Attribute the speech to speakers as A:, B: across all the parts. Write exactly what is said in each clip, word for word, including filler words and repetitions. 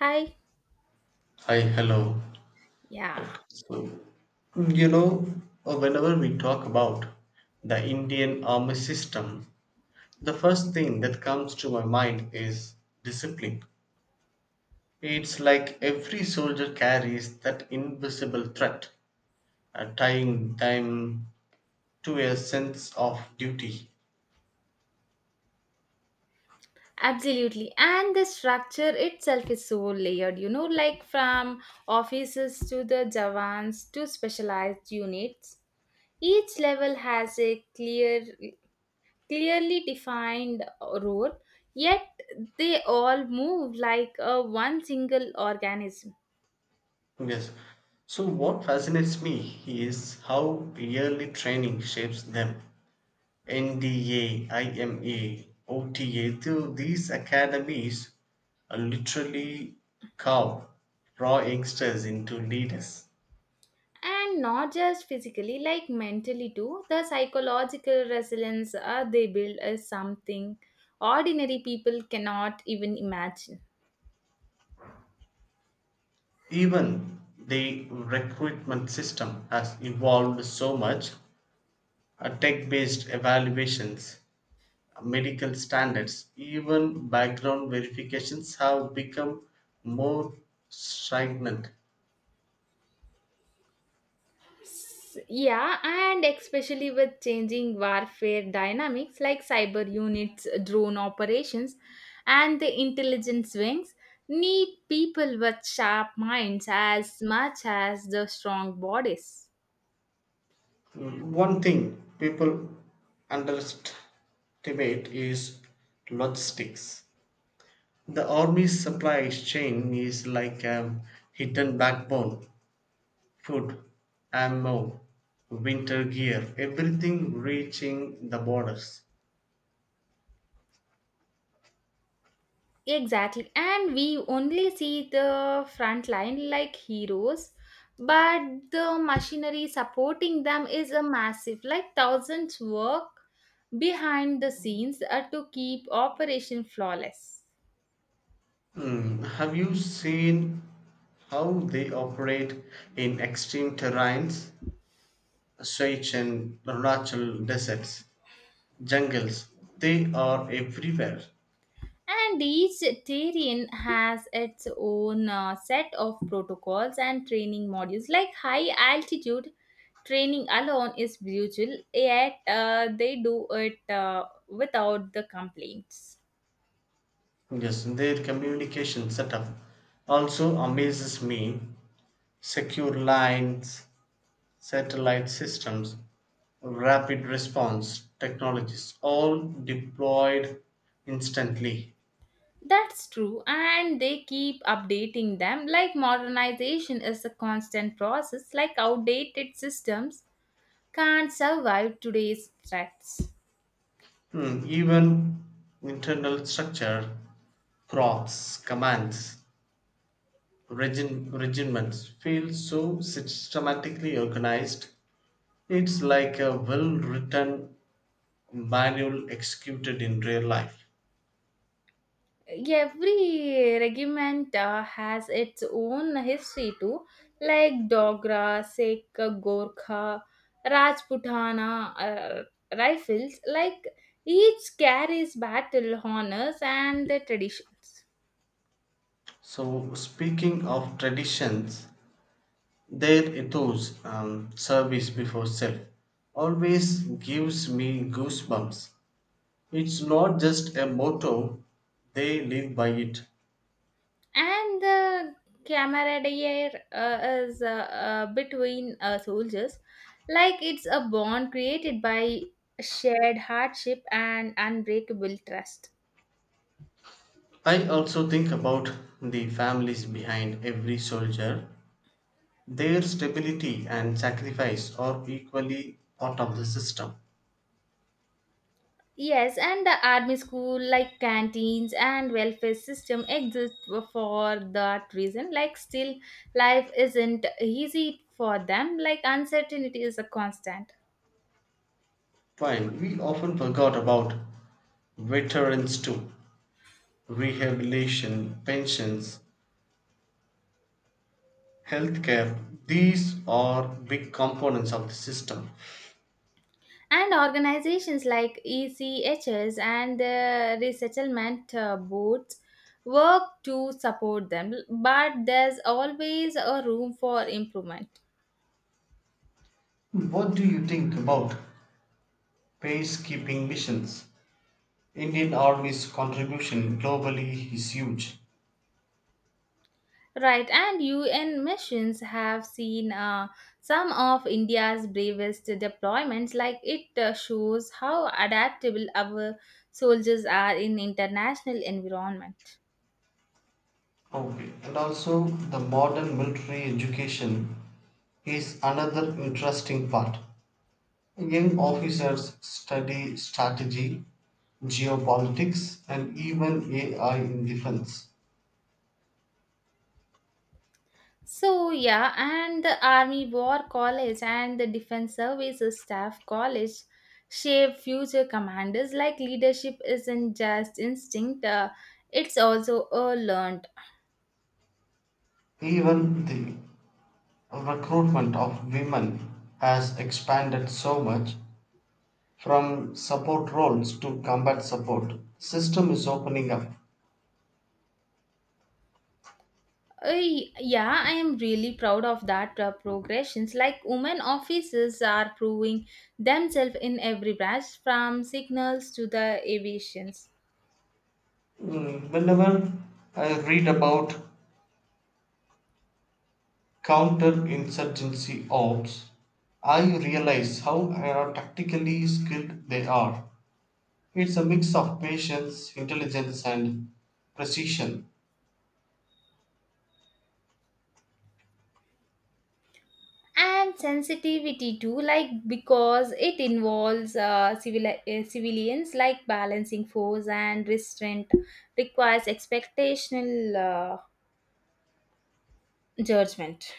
A: Hi.
B: Hi, hello.
A: Yeah,
B: So, you know, uh, Whenever we talk about the Indian army system, the first thing that comes to my mind is discipline. It's like every soldier carries that invisible threat, uh, tying them to a sense of duty.
A: absolutely. And the structure itself is so layered, you know, like from offices to the Javans to specialized units. Each level has a clear, clearly defined role, yet they all move like a one single organism.
B: Yes. So, what fascinates me is how yearly training shapes them. N D A, I M A, O T A, through these academies uh, literally carve raw youngsters into leaders.
A: And not just physically, like mentally too. The psychological resilience uh, they build is something ordinary people cannot even imagine.
B: Even the recruitment system has evolved so much. Uh, Tech based evaluations, uh, medical standards, even background verifications have become more stringent.
A: Yeah, and especially with changing warfare dynamics like cyber units, drone operations, and the intelligence wings, need people with sharp minds as much as the strong bodies.
B: One thing people underestimate is logistics. The army's supply chain is like a hidden backbone food, ammo, winter gear, everything reaching the borders.
A: Exactly, and we only see the front line like heroes, but the machinery supporting them is a massive, like thousands work behind the scenes uh, to keep operation flawless.
B: Hmm, Have you seen how they operate in extreme terrains, Seychelles, Arunachal deserts, jungles? They are everywhere.
A: And each terrain has its own uh, set of protocols and training modules. Like high altitude training alone is brutal, yet uh, they do it uh, without the complaints.
B: Yes, their communication setup also amazes me. Secure lines, satellite systems, rapid response technologies, all deployed instantly.
A: That's true, and they keep updating them. Like modernization is a constant process, like outdated systems can't survive today's threats.
B: Hmm, Even internal structure, crops, commands, regim- regiments feel so systematically organized. It's like a well written manual executed in real life.
A: Every regiment uh, has its own history too, like Dogra, Sikh, Gorkha, Rajputana, uh, Rifles, like each carries battle honors and the traditions.
B: So, speaking of traditions, their ethos um, service before self always gives me goosebumps. It's not just a motto, they live by it.
A: And the camaraderie uh, is uh, uh, between uh, soldiers, like it's a bond created by shared hardship and unbreakable trust.
B: I also think about the families behind every soldier. Their stability and sacrifice are equally part of the system.
A: Yes, and the army school, like canteens and welfare system, exist for that reason. Like, still, life isn't easy for them. Like, uncertainty is a constant.
B: Fine, we often forgot about veterans too. Rehabilitation, pensions, healthcare, these are big components of the system.
A: And organizations like E C H S and the resettlement uh, boards work to support them, but there's always a room for improvement.
B: What do you think about peacekeeping missions? Indian Army's contribution globally is huge.
A: Right, and U N missions have seen uh, some of India's bravest deployments. Like it uh, shows how adaptable our soldiers are in international environment.
B: Okay. And also, the modern military education is another interesting part. Young officers study strategy, geopolitics, and even A I in defense.
A: So yeah, and the Army War College and the Defense Services Staff College shape future commanders. Like leadership isn't just instinct; uh, it's also a learned.
B: Even the Recruitment of women has expanded so much, from support roles to combat support. System is opening up.
A: I, yeah, I am really proud of that uh, progressions. Like women officers are proving themselves in every branch, from signals to the aviations.
B: Mm, Whenever I read about counterinsurgency ops, I realize how uh, tactically skilled they are. It's a mix of patience, intelligence, and precision,
A: And sensitivity too. Like because it involves uh, civil uh, civilians, like balancing force and restraint requires expectational uh, judgment.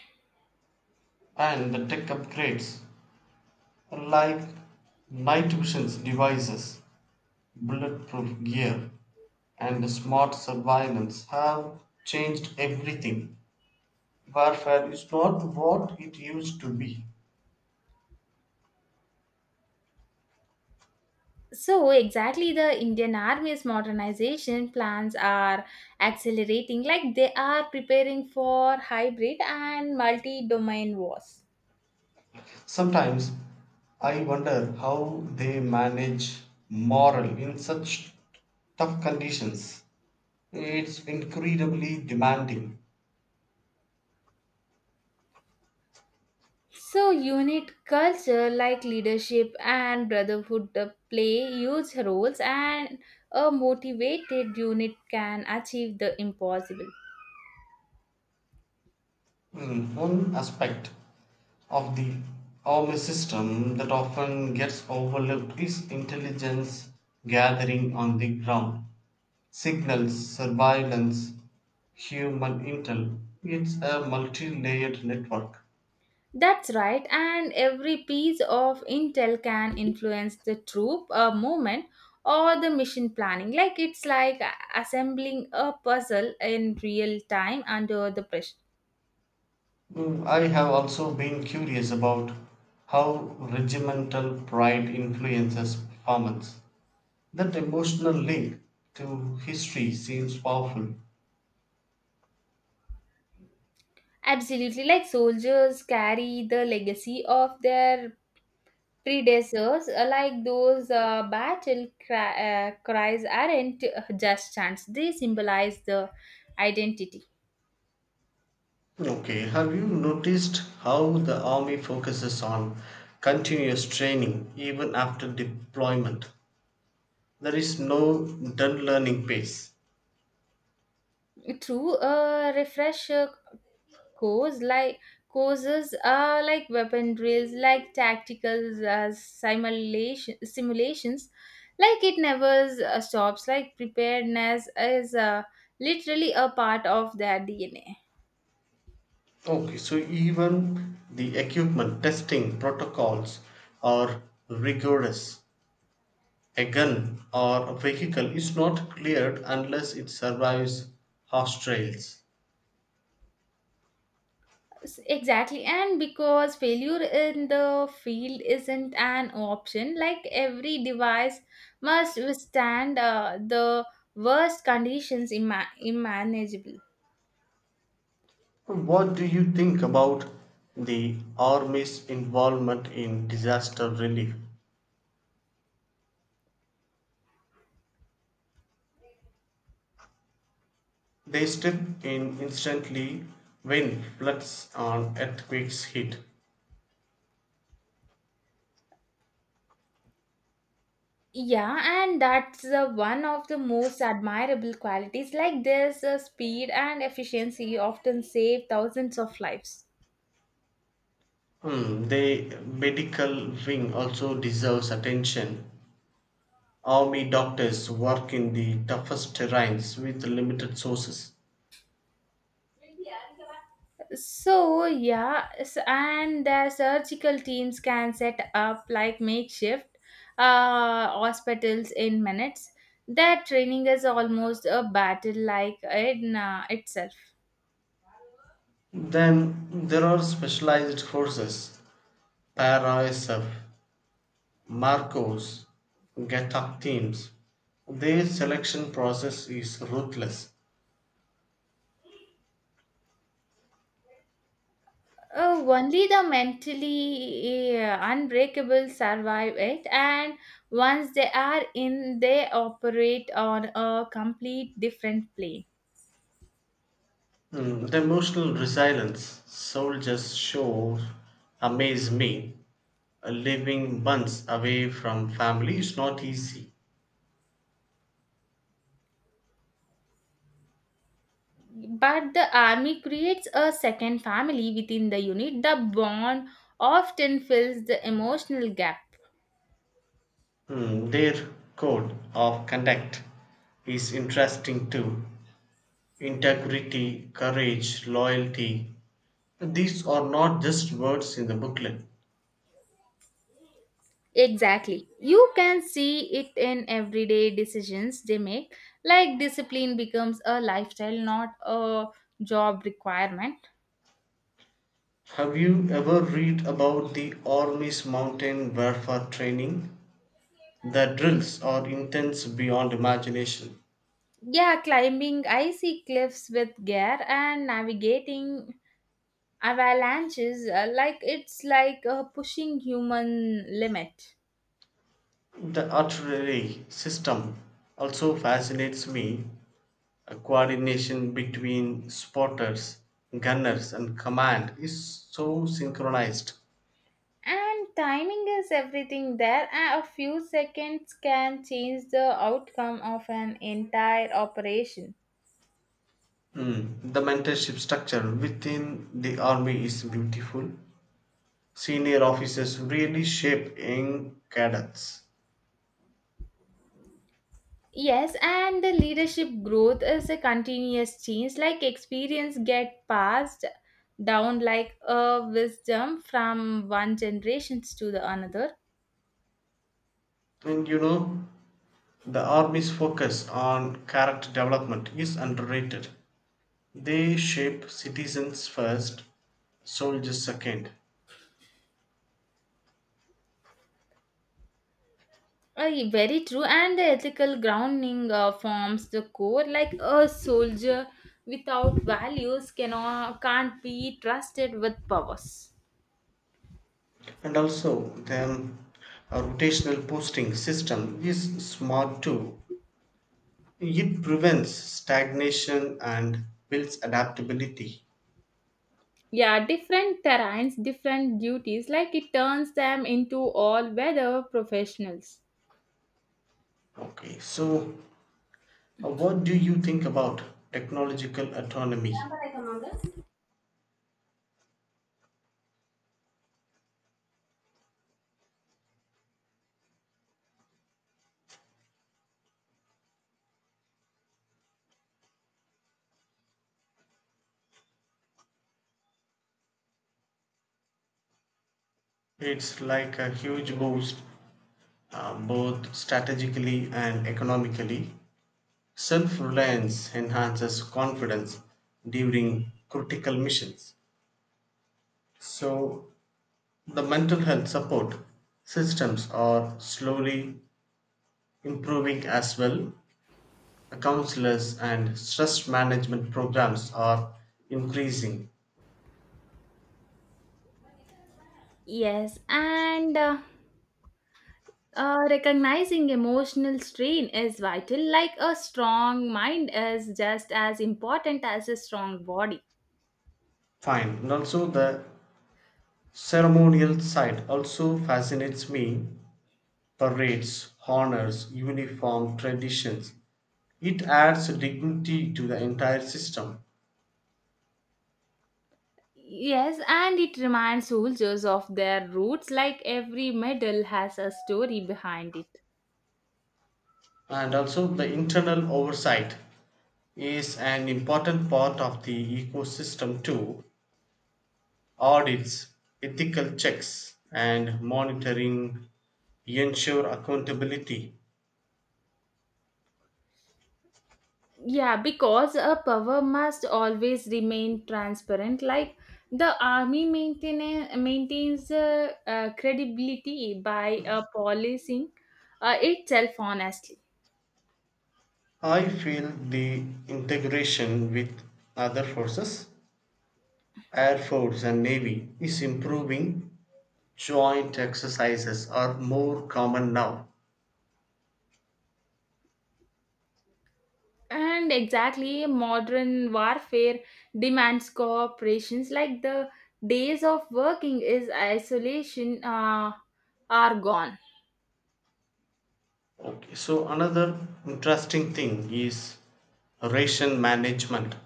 B: and the tech upgrades like night vision devices bulletproof gear, and smart surveillance have changed everything. Warfare is not what it used to be.
A: So, exactly, the Indian Army's modernization plans are accelerating, like they are preparing for hybrid and multi domain wars.
B: Sometimes I wonder how they manage morale in such tough conditions. It's incredibly demanding.
A: So, unit culture like leadership and brotherhood uh, play huge roles, and a motivated unit can achieve the impossible.
B: Mm, One aspect of the army system that often gets overlooked is intelligence gathering on the ground. Signals, surveillance, human intel. It's a multi layered network.
A: That's right, and every piece of intel can influence the troop uh, movement or the mission planning. Like it's like a- assembling a puzzle in real time under the pressure.
B: Mm, I have also been curious about how regimental pride influences performance. That emotional link to history seems powerful.
A: Absolutely, like soldiers carry the legacy of their predecessors, uh, like those uh, battle cry, uh, cries aren't uh, just chants, they symbolize the identity.
B: Okay, have you noticed how the army focuses on continuous training even after deployment? There is no done learning pace.
A: Through a refresher course, like courses are like weapon drills, like tactical uh, simulation simulations, like it never uh, stops, like preparedness is uh, literally a part of their DNA.
B: Okay, so even the equipment testing protocols are rigorous. A gun or a vehicle is not cleared unless it survives harsh trails.
A: S- exactly, and because failure in the field isn't an option, like every device must withstand uh, the worst conditions I am imaginable.
B: What do you think about the army's involvement in disaster relief? They step in instantly when floods and earthquakes hit.
A: Yeah, and that's uh, one of the most admirable qualities. Like this, uh, speed and efficiency often save thousands of lives.
B: Hmm, the medical wing also deserves attention. Army doctors work in the toughest terrains with limited sources.
A: So, yeah, s- and the surgical teams can set up like makeshift uh, hospitals in minutes. Their training is almost a battle like in uh, itself.
B: Then there are specialized forces, PARASF, Marcos, GATAC teams. Their selection process is ruthless.
A: Oh, only the mentally uh, unbreakable survive it, and once they are in, they operate on a complete different plane.
B: Mm, the emotional resilience soldiers show amaze me. Uh, Living months away from family is not easy.
A: But the army creates a second family within the unit. The bond often fills the emotional gap.
B: Mm, their code of conduct is interesting too. Integrity, courage, loyalty. These are not just words in the booklet.
A: Exactly. You can see it in everyday decisions they make, like discipline becomes a lifestyle, not a job requirement.
B: Have you ever read about the Army's mountain warfare training? The drills are intense beyond imagination.
A: Yeah, climbing icy cliffs with gear and navigating avalanches, uh, like it's like uh, pushing human limit.
B: The artery system also fascinates me. A coordination between spotters, gunners, and command is so synchronized.
A: And timing is everything there. Uh, a few seconds can change the outcome of an entire operation.
B: Mm, The mentorship structure within the army is beautiful. Senior officers really shape young cadets.
A: Yes, and the leadership growth is a continuous change. Like experience get passed down like a wisdom from one generations to the another.
B: And you know, the army's focus on character development is underrated. They shape citizens first, soldiers second.
A: Uh, very true, and the ethical grounding uh, forms the core. Like a soldier without values cannot can't be trusted with powers.
B: And also the rotational posting system is smart too. It prevents stagnation and builds adaptability.
A: Yeah, different terrains, different duties. Like it turns them into all-weather professionals.
B: okay so uh, what do you think about technological autonomy? It's like a huge boost, uh, both strategically and economically. Self-reliance enhances confidence during critical missions. So the mental health support systems are slowly improving as well. Counselors and stress management programs are increasing.
A: Yes, and uh, uh, recognizing emotional strain is vital. Like a strong mind is just as important as a strong body.
B: Fine. And also, the ceremonial side also fascinates me. Parades, honors, uniform, traditions. It adds dignity to the entire system.
A: Yes, and it reminds soldiers of their roots, like every medal has a story behind it.
B: And also, the internal oversight is an important part of the ecosystem too. Audits, ethical checks, and monitoring ensure accountability.
A: Yeah, because a power must always remain transparent. Like the army maintain, maintains uh, uh, credibility by uh, policing uh, itself honestly.
B: I feel the integration with other forces, Air Force and Navy, is improving. Joint exercises are more common now.
A: And exactly, modern warfare demands cooperations. Like the days of working is isolation uh, are gone.
B: Okay, so another interesting thing is ration management.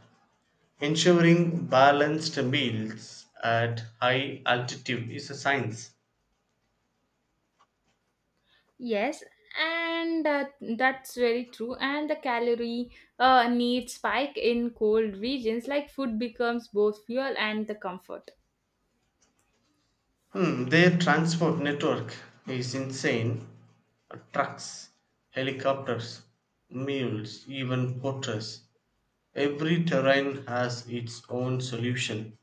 B: Ensuring balanced meals at high altitude is a science.
A: Yes, and uh, that's very true. And the calorie uh, need spike in cold regions, like food becomes both fuel and the comfort.
B: Hmm, their transport network is insane. Trucks, helicopters, mules, even porters. Every terrain has its own solution.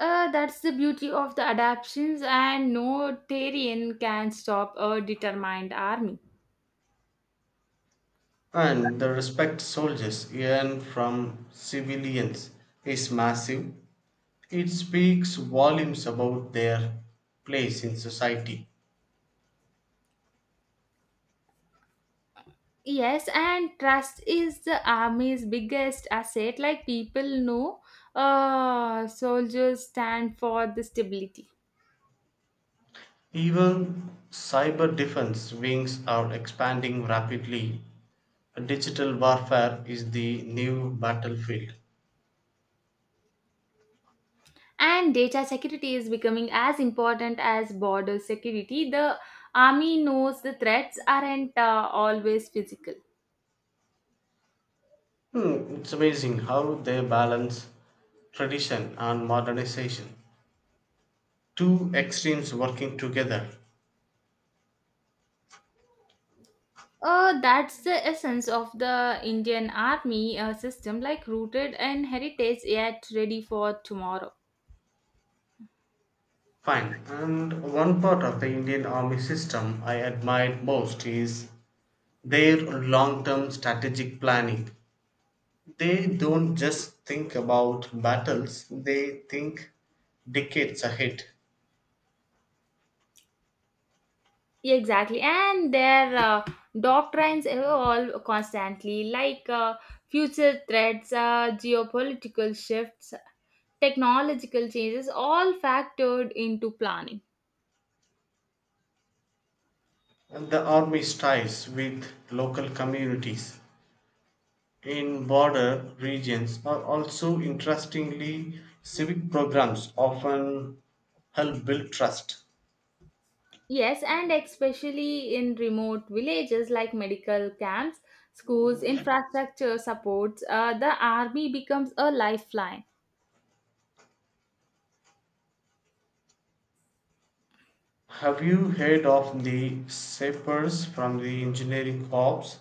A: Uh, that's the beauty of the adaptations, and no terrain can stop a determined army.
B: And the respect soldiers earn from civilians is massive. It speaks volumes about their place in society.
A: Yes, and trust is the army's biggest asset. Like people know, uh, soldiers stand for the stability.
B: Even cyber defense wings are expanding rapidly. Digital warfare is the new battlefield.
A: And data security is becoming as important as border security. The army knows the threats aren't uh, always physical.
B: Hmm, it's amazing how they balance tradition and modernization. Two extremes working together.
A: Uh, that's the essence of the Indian army uh, system, like rooted in heritage yet ready for tomorrow.
B: Fine. And one part of the Indian army system I admire most is their long term strategic planning. They don't just think about battles, they think decades ahead.
A: Exactly, and their uh, doctrines evolve constantly, like uh, future threats, uh, geopolitical shifts, technological changes, all factored into planning.
B: And the army ties with local communities in border regions are also interestingly civic programs often help build trust.
A: Yes, and especially in remote villages like medical camps, schools, infrastructure supports, uh, the army becomes a lifeline.
B: Have you heard of the sapers from the engineering corps?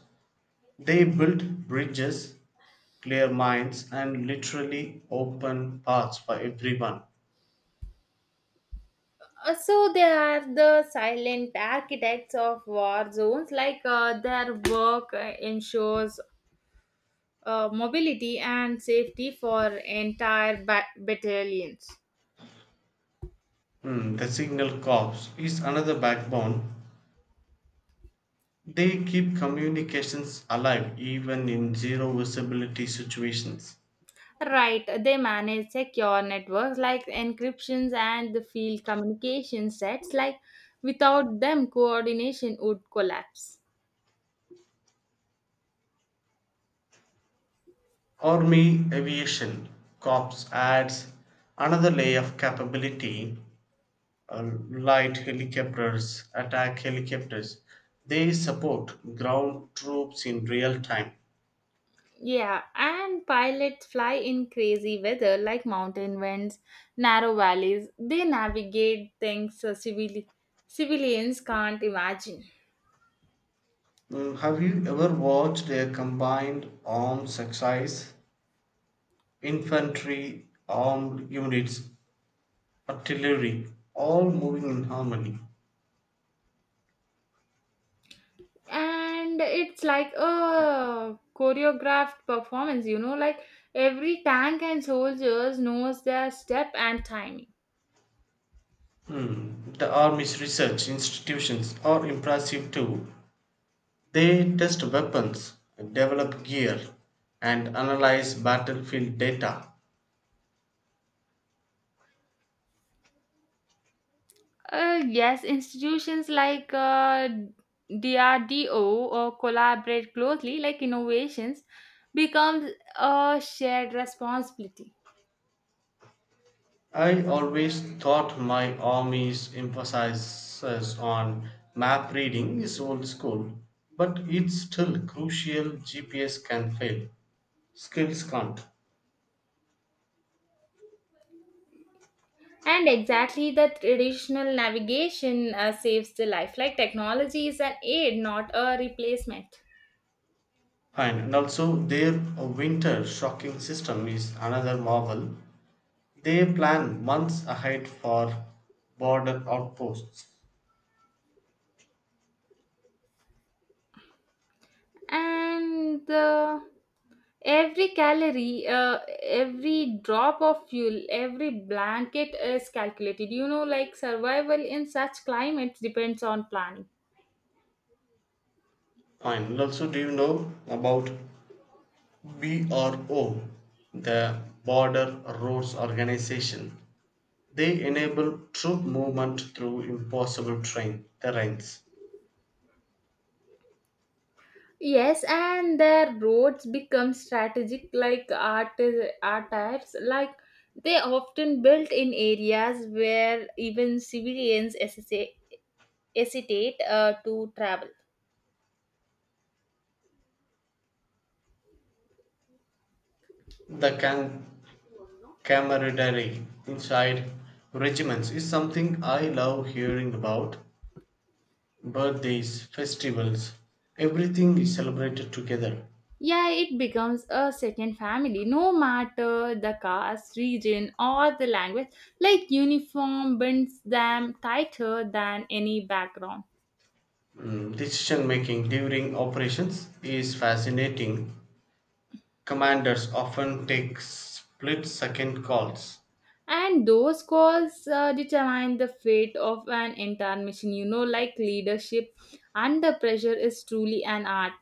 B: They build bridges, clear mines, and literally open paths for everyone.
A: Uh, So they are the silent architects of war zones, like uh, their work uh, ensures uh, mobility and safety for entire ba- battalions.
B: Hmm, the signal corps is another backbone. They keep communications alive even in zero visibility situations.
A: Right, they manage secure networks like encryptions and the field communication sets. Like without them, coordination would collapse.
B: Army Aviation Corps adds another layer of capability, uh, light helicopters, attack helicopters. They support ground troops in real time.
A: Yeah, and pilots fly in crazy weather like mountain winds, narrow valleys. They navigate things uh, civili- civilians can't imagine.
B: Mm, Have you ever watched a combined arms exercise? Infantry, armed units, artillery, all moving in harmony.
A: And it's like a choreographed performance, you know, like every tank and soldiers knows their step and timing.
B: Hmm, The Army's research institutions are impressive too. They test weapons, develop gear, and analyze battlefield data.
A: Uh, yes, institutions like uh, D R D O uh, collaborate closely, like innovations becomes a shared responsibility.
B: I always thought my army's emphasis on map reading is old school, but it's still crucial. G P S can fail, skills can't.
A: And exactly the traditional navigation uh, saves the life. Like technology is an aid, not a replacement.
B: Fine, and also their winter shocking system is another marvel. They plan months ahead for border outposts.
A: And the every calorie uh, every drop of fuel every blanket is calculated, you know, like survival in such climates depends on planning.
B: Fine, and also do you know about BRO, the Border Roads Organization? They enable troop movement through impossible train, terrains.
A: Yes, and their roads become strategic like art art types. Like they often built in areas where even civilians hesita- hesitate uh, to travel.
B: The cam- camaraderie inside regiments is something I love hearing about. Birthdays, festivals, everything is celebrated together.
A: Yeah, it becomes a second family, no matter the caste, region, or the language. Like uniform binds them tighter than any background.
B: Mm, Decision making during operations is fascinating. Commanders often take split second calls.
A: And those calls uh, determine the fate of an entire mission. You know, like leadership under pressure is truly an art.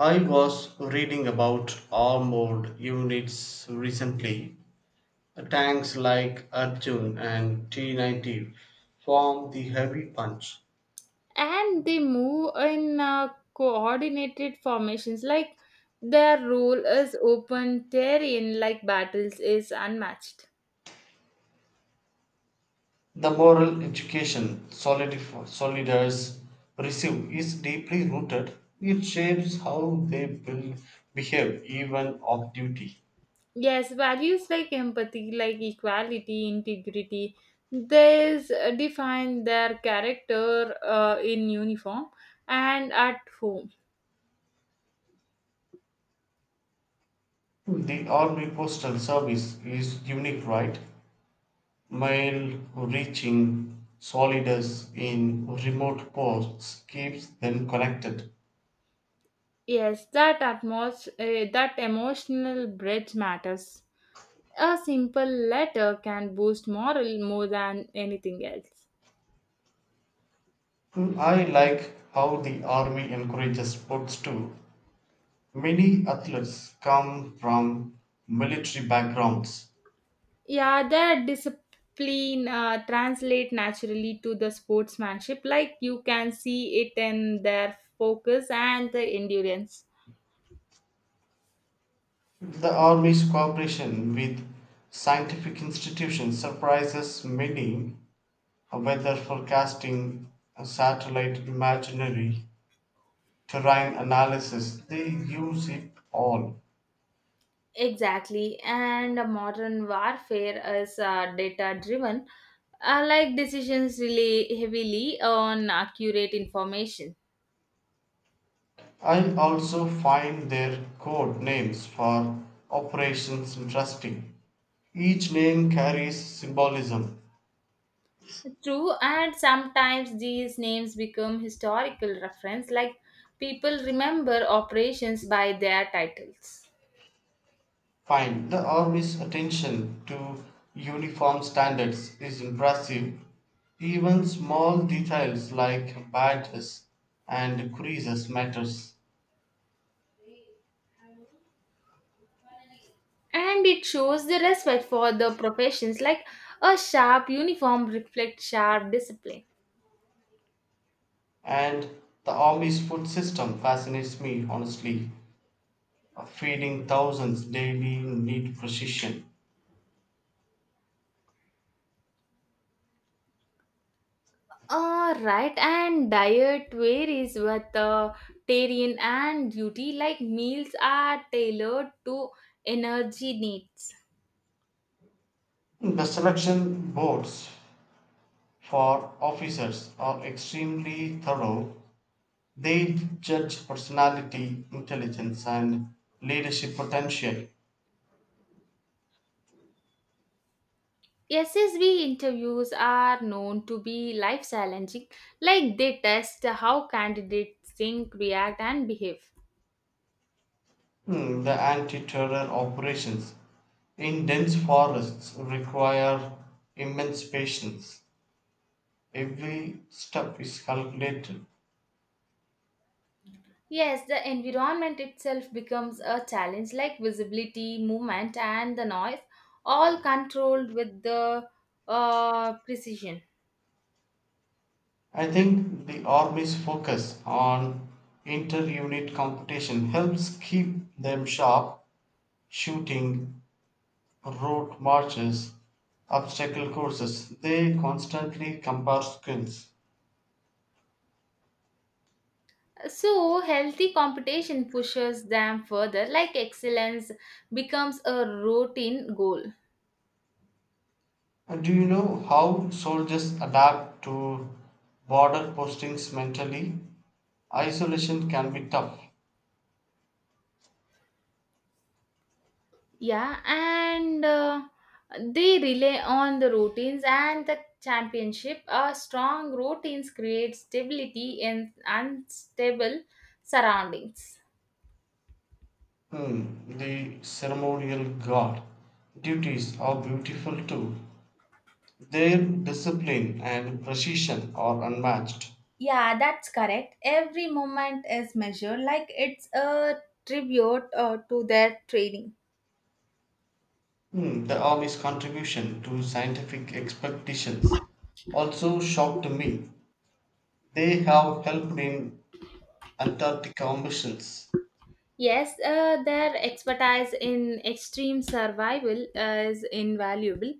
B: I was reading about armored units recently. Tanks like Arjun and T ninety form the heavy punch.
A: And they move in uh, coordinated formations, like their role is open terrain, like battles is unmatched.
B: The moral education solidif- soldiers receive is deeply rooted. It shapes how they will behave even off duty.
A: Yes, values like empathy, like equality, integrity, these uh, define their character uh, in uniform and at home.
B: The Army Postal Service is unique, right? Mile reaching solidus in remote ports keeps them connected.
A: Yes, that atmos- uh, that emotional bridge matters. A simple letter can boost morale more than anything else.
B: I like how the army encourages sports too. Many athletes come from military backgrounds.
A: Yeah, their discipline uh, translate naturally to the sportsmanship. Like you can see it in their focus and the endurance.
B: The army's cooperation with scientific institutions surprises many, whether forecasting, satellite imagery, terrain analysis, they use it all.
A: Exactly, and modern warfare is uh, data driven. Uh, like decisions rely heavily on accurate information.
B: I also find their code names for operations interesting. Each name carries symbolism.
A: True, and sometimes these names become historical reference, like people remember operations by their titles.
B: Fine, the army's attention to uniform standards is impressive. Even small details like badges and creases matters.
A: And it shows the respect for the professions, like a sharp uniform reflects sharp discipline.
B: And the army's food system fascinates me honestly, feeding thousands daily in neat precision.
A: Uh, right, and diet varies with uh, terrain and duty, like meals are tailored to energy needs.
B: The selection boards for officers are extremely thorough; they judge personality, intelligence, and leadership potential.
A: S S B interviews are known to be life challenging, like they test how candidates think, react, and behave.
B: Hmm, The anti terror operations in dense forests require immense patience. Every step is calculated.
A: Yes, the environment itself becomes a challenge, like visibility, movement, and the noise, all controlled with the uh, precision.
B: I think the Army's focus on inter unit competition helps keep them sharp, shooting road marches, obstacle courses, they constantly compare skills.
A: So, healthy competition pushes them further, like excellence becomes a routine goal.
B: And do you know how soldiers adapt to border postings mentally? Isolation can be tough.
A: Yeah, and uh, they rely on the routines and the championship. A strong routines create stability in unstable surroundings.
B: Hmm, the ceremonial guard duties are beautiful too. Their discipline and precision are unmatched.
A: Yeah, that's correct. Every moment is measured like it's a tribute uh, to their training.
B: Hmm, the army's contribution to scientific expeditions also shocked me. They have helped in Antarctic missions.
A: Yes, uh, their expertise in extreme survival is invaluable.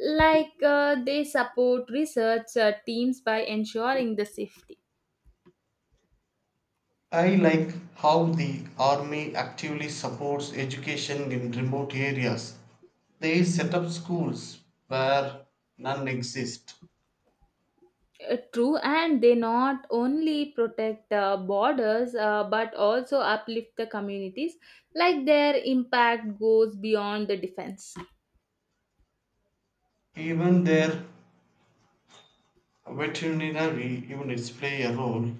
A: Like uh, they support research uh, teams by ensuring the safety.
B: I like how the army actively supports education in remote areas. They set up schools where none exist.
A: Uh, true, and they not only protect uh, borders uh, but also uplift the communities, like their impact goes beyond the defense.
B: Even their veterinary units play a role.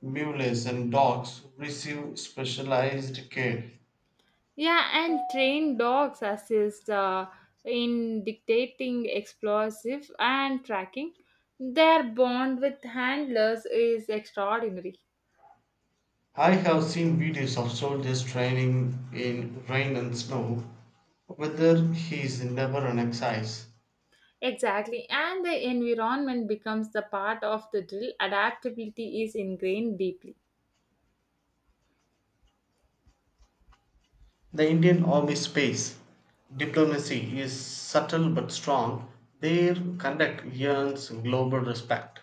B: Mules and dogs receive specialized care.
A: Yeah, and trained dogs assist uh, in dictating explosive and tracking, their bond with handlers is extraordinary.
B: I have seen videos of soldiers training in rain and snow, whether he is never an exercise.
A: Exactly, and the environment becomes the part of the drill, adaptability is ingrained deeply.
B: The Indian Army space diplomacy is subtle but strong. Their conduct earns global respect.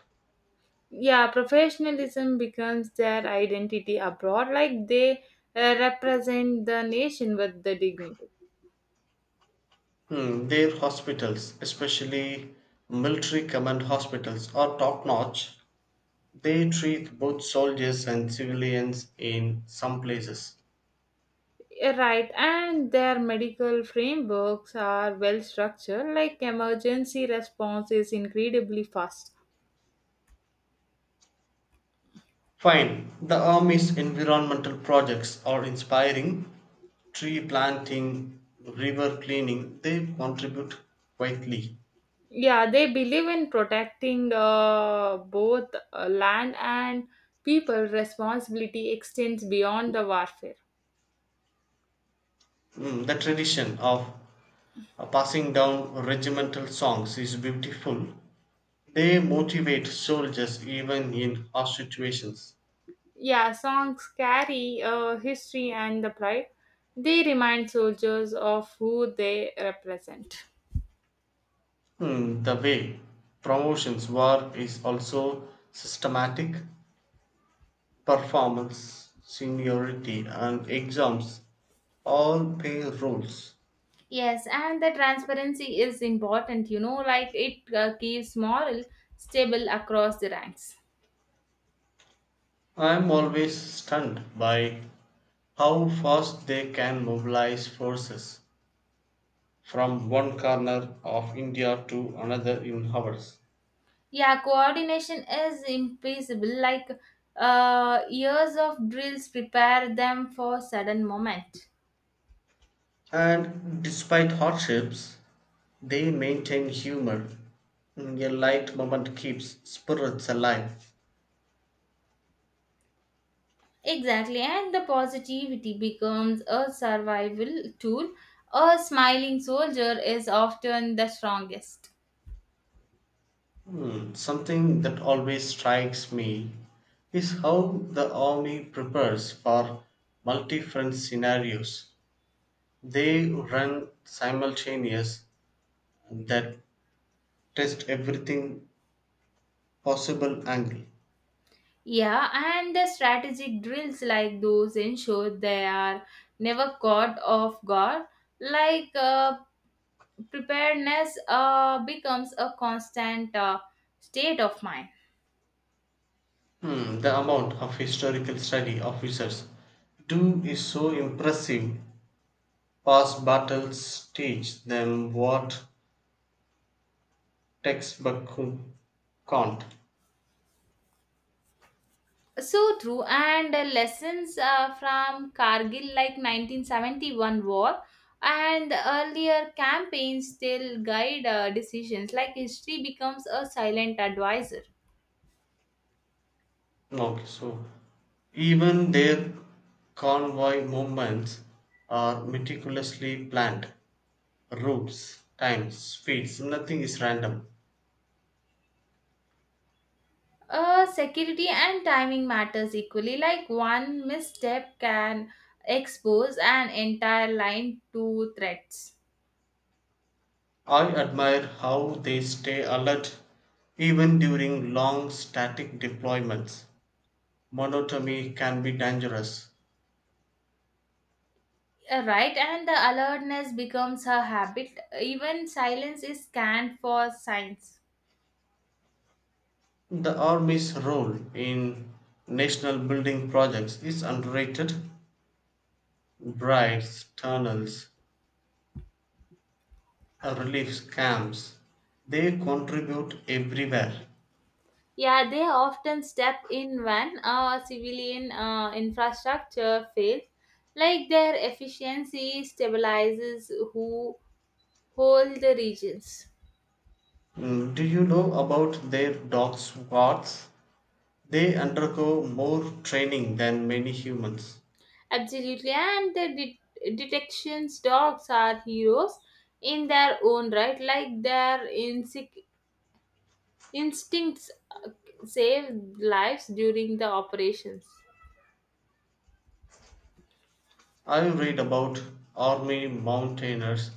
A: Yeah, professionalism becomes their identity abroad, like they uh, represent the nation with the dignity.
B: Hmm, their hospitals, especially military command hospitals, are top notch. They treat both soldiers and civilians in some places.
A: Uh, right, and their medical frameworks are well structured, like emergency response is incredibly fast.
B: Fine, the Army's environmental projects are inspiring. Tree planting, river cleaning, they contribute quietly.
A: Yeah, they believe in protecting uh, both uh, land and people, responsibility extends beyond the warfare.
B: Mm, the tradition of uh, passing down regimental songs is beautiful. They motivate soldiers even in harsh situations.
A: Yeah, songs carry uh, history and the pride. They remind soldiers of who they represent.
B: Hmm, the way promotions work is also systematic. Performance, seniority, and exams all play roles.
A: Yes, and the transparency is important, you know, like it uh, keeps moral stable across the ranks.
B: I am always stunned by how fast they can mobilize forces from one corner of India to another in hours.
A: Yeah, coordination is impossible, like uh, years of drills prepare them for sudden moment.
B: And despite hardships, they maintain humor. Mm, A light moment keeps spirits alive.
A: Exactly, and the positivity becomes a survival tool. A smiling soldier is often the strongest.
B: Hmm, Something that always strikes me is how the army prepares for multi front scenarios. They run simultaneous that test everything possible angle.
A: Yeah, and the strategic drills like those ensure they are never caught off guard. Like uh, preparedness uh, becomes a constant uh, state of mind.
B: Hmm, the amount of historical study officers do is so impressive. Past battles teach them what textbooks can't.
A: So true, and uh, lessons uh, from Kargil like nineteen seventy-one war and earlier campaigns still guide uh, decisions. Like history becomes a silent advisor.
B: Okay, so even their convoy movements are meticulously planned. Routes, times, speeds, nothing is random.
A: Uh, security and timing matters equally. Like one misstep can expose an entire line to threats.
B: I admire how they stay alert even during long static deployments. Monotony can be dangerous.
A: Uh, Right, and the alertness becomes a habit. Even silence is scanned for signs.
B: The army's role in national building projects is underrated. Brides, tunnels, uh, relief camps, they contribute everywhere.
A: Yeah, they often step in when uh, civilian uh, infrastructure fails, like their efficiency stabilizes who hold the regions.
B: Mm, Do you know about their dog squads? They undergo more training than many humans.
A: Absolutely, and the det- detections dogs are heroes in their own right, like their instinct- instincts save lives during the operations.
B: I read about army mountaineers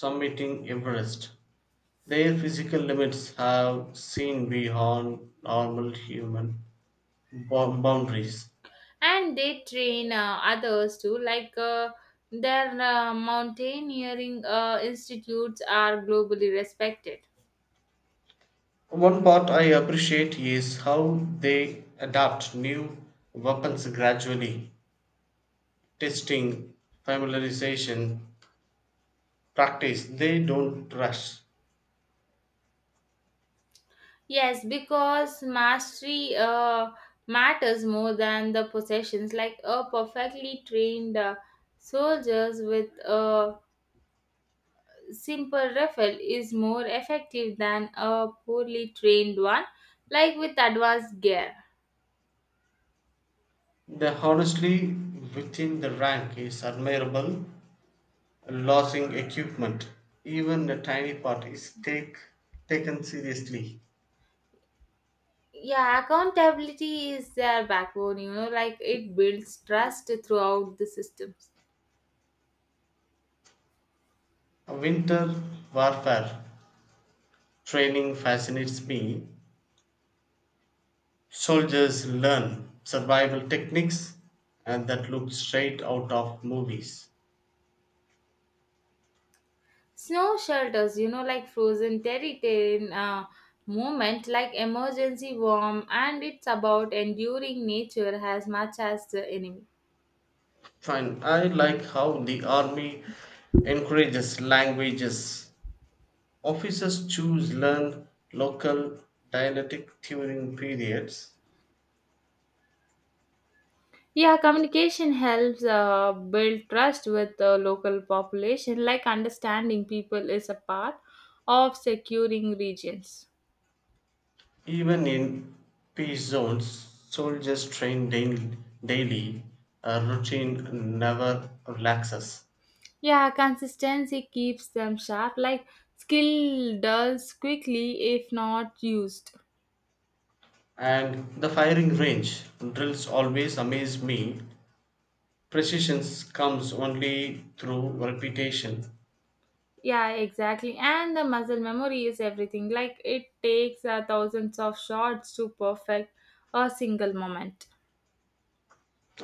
B: summiting Everest. Their physical limits have seen beyond normal human bo- boundaries.
A: And they train uh, others too like uh, their uh, mountaineering uh, institutes are globally respected.
B: One part I appreciate is how they adapt new weapons gradually, testing, familiarization, practice. They don't rush.
A: Yes, because mastery uh, matters more than the possessions, like a perfectly trained uh, soldiers with a simple rifle is more effective than a poorly trained one, like with advanced gear.
B: The honestly within the rank is admirable. Losing equipment, even a tiny part, is take, taken seriously.
A: Yeah, accountability is their backbone, you know, like it builds trust throughout the systems.
B: Winter warfare training fascinates me soldiers learn survival techniques and that look straight out of movies.
A: Snow shelters, you know, like frozen territorial uh, movement, like emergency warm, and it's about enduring nature as much as the enemy.
B: Fine, I like how the army encourages languages. Officers choose learn local dialectic during periods.
A: Yeah, communication helps uh, build trust with the local population, like understanding people is a part of securing regions.
B: Even in peace zones, soldiers train daily, daily. A routine never relaxes.
A: Yeah, consistency keeps them sharp. Like skill dulls quickly if not used.
B: And the firing range drills always amaze me. Precision comes only through repetition.
A: Yeah, exactly. And the muscle memory is everything. Like it takes uh, thousands of shots to perfect a single moment.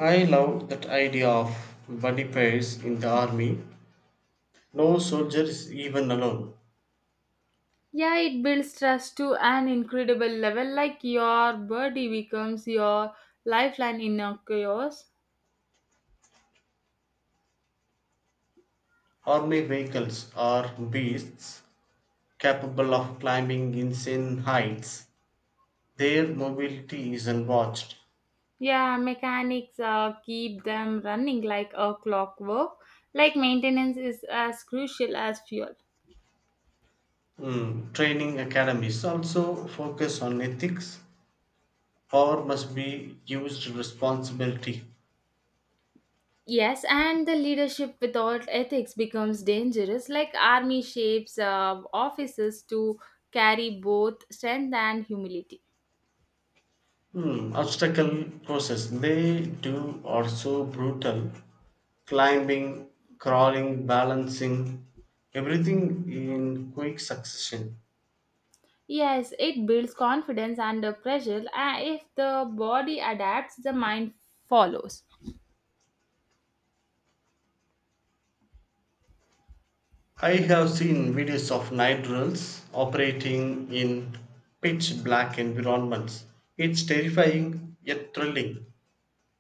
B: I love that idea of buddy pairs in the army. No soldier is even alone.
A: Yeah, it builds trust to an incredible level. Like your body becomes your lifeline in a chaos.
B: Army vehicles are beasts capable of climbing insane heights. Their mobility is unwatched.
A: Yeah, mechanics uh, keep them running like a clockwork. Like maintenance is as crucial as fuel.
B: Mm, Training academies also focus on ethics. Power must be used responsibility.
A: Yes, and the leadership without ethics becomes dangerous. Like army shapes uh, officers to carry both strength and humility.
B: Hmm, obstacle courses they do are so brutal. Climbing, crawling, balancing, everything in quick succession.
A: Yes, it builds confidence under pressure. Uh, if the body adapts, the mind follows.
B: I have seen videos of night drills operating in pitch black environments. It's terrifying yet thrilling.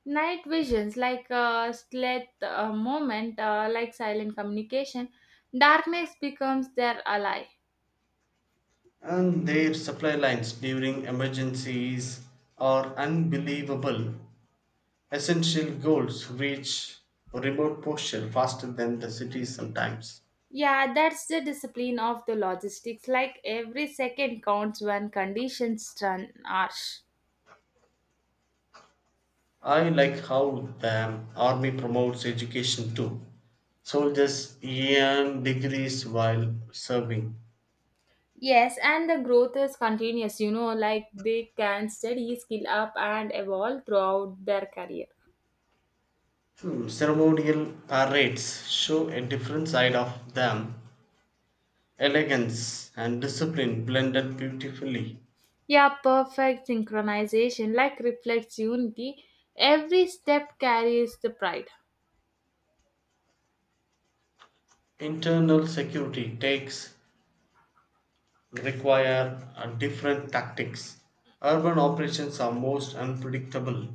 A: Night visions, like a stealth uh, moment, uh, like silent communication, darkness becomes their ally.
B: And their supply lines during emergencies are unbelievable. Essential goals reach remote portions faster than the cities sometimes.
A: Yeah, that's the discipline of the logistics. Like every second counts when conditions turn harsh.
B: I like how the army promotes education too. Soldiers earn degrees while serving.
A: Yes, and the growth is continuous, you know, like they can steady skill up and evolve throughout their career.
B: Hmm, Ceremonial parades show a different side of them. Elegance and discipline blended beautifully.
A: Yeah, perfect synchronization like reflects unity. Every step carries the pride.
B: Internal security takes require uh, different tactics. Urban operations are most unpredictable.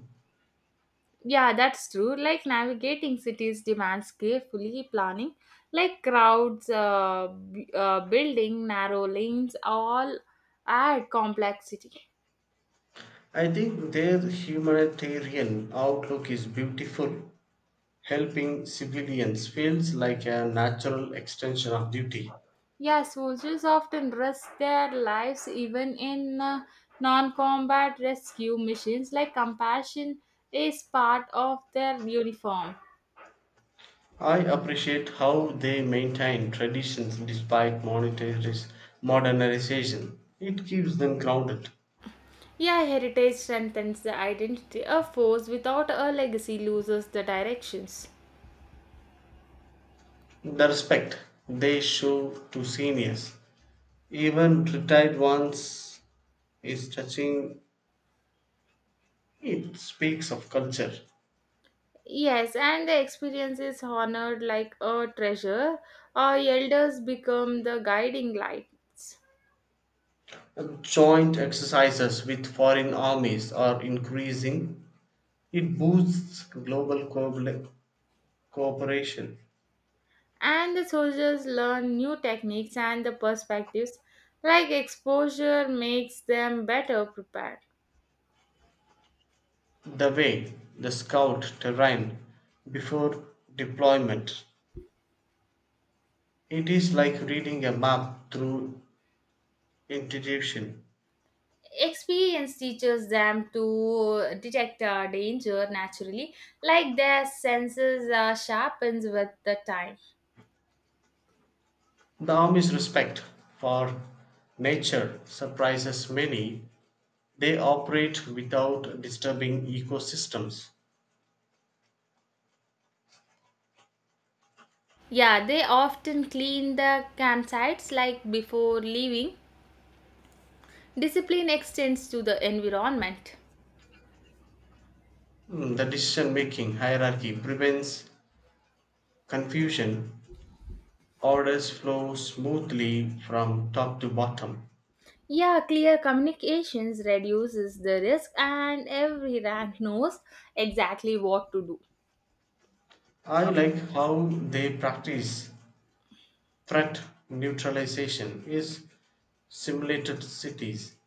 A: Yeah, that's true. Like navigating cities demands carefully planning, like crowds, uh, b- uh, building, narrow lanes, all add complexity.
B: I think their humanitarian outlook is beautiful. Helping civilians feels like a natural extension of duty.
A: Yeah, soldiers often risk their lives even in uh, non combat rescue missions, like compassion is part of their uniform.
B: I appreciate how they maintain traditions despite monetary- modernization. It keeps them grounded.
A: Yeah, heritage strengthens the identity. A force without a legacy loses the directions.
B: The respect they show to seniors, even retired ones, is touching. It speaks of culture.
A: Yes, and the experience is honored like a treasure. Our elders become the guiding lights,
B: Joint exercises with foreign armies are increasing. It boosts global co- cooperation.
A: and the soldiers learn new techniques and the perspectives. Like exposure makes them better prepared.
B: The way the scout terrain before deployment. It is like reading a map through intuition.
A: Experience teaches them to detect uh, danger naturally, like their senses uh, sharpens with the time.
B: The Army's respect for nature surprises many. They operate without disturbing ecosystems.
A: Yeah, they often clean the campsites like before leaving. Discipline extends to the environment.
B: Mm, The decision making hierarchy prevents confusion. Orders flow smoothly from top to bottom.
A: Yeah, clear communications reduces the risk, and every rank knows exactly what to do.
B: I like how they practice threat neutralization is simulated cities.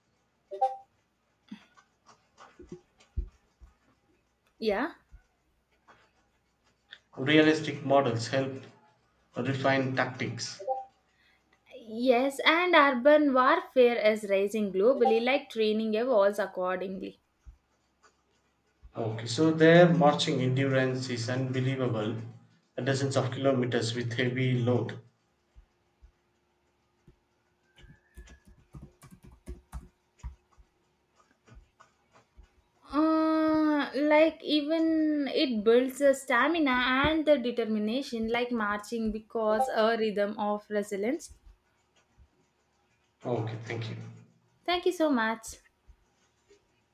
A: Yeah.
B: Realistic models help refine tactics.
A: Yes, and urban warfare is rising globally, like training evolves accordingly.
B: Okay, so their marching endurance is unbelievable. Dozens of kilometers with heavy load.
A: Uh, like even it builds the stamina and the determination, like marching because a rhythm of resilience.
B: Okay, thank you.
A: Thank you so much.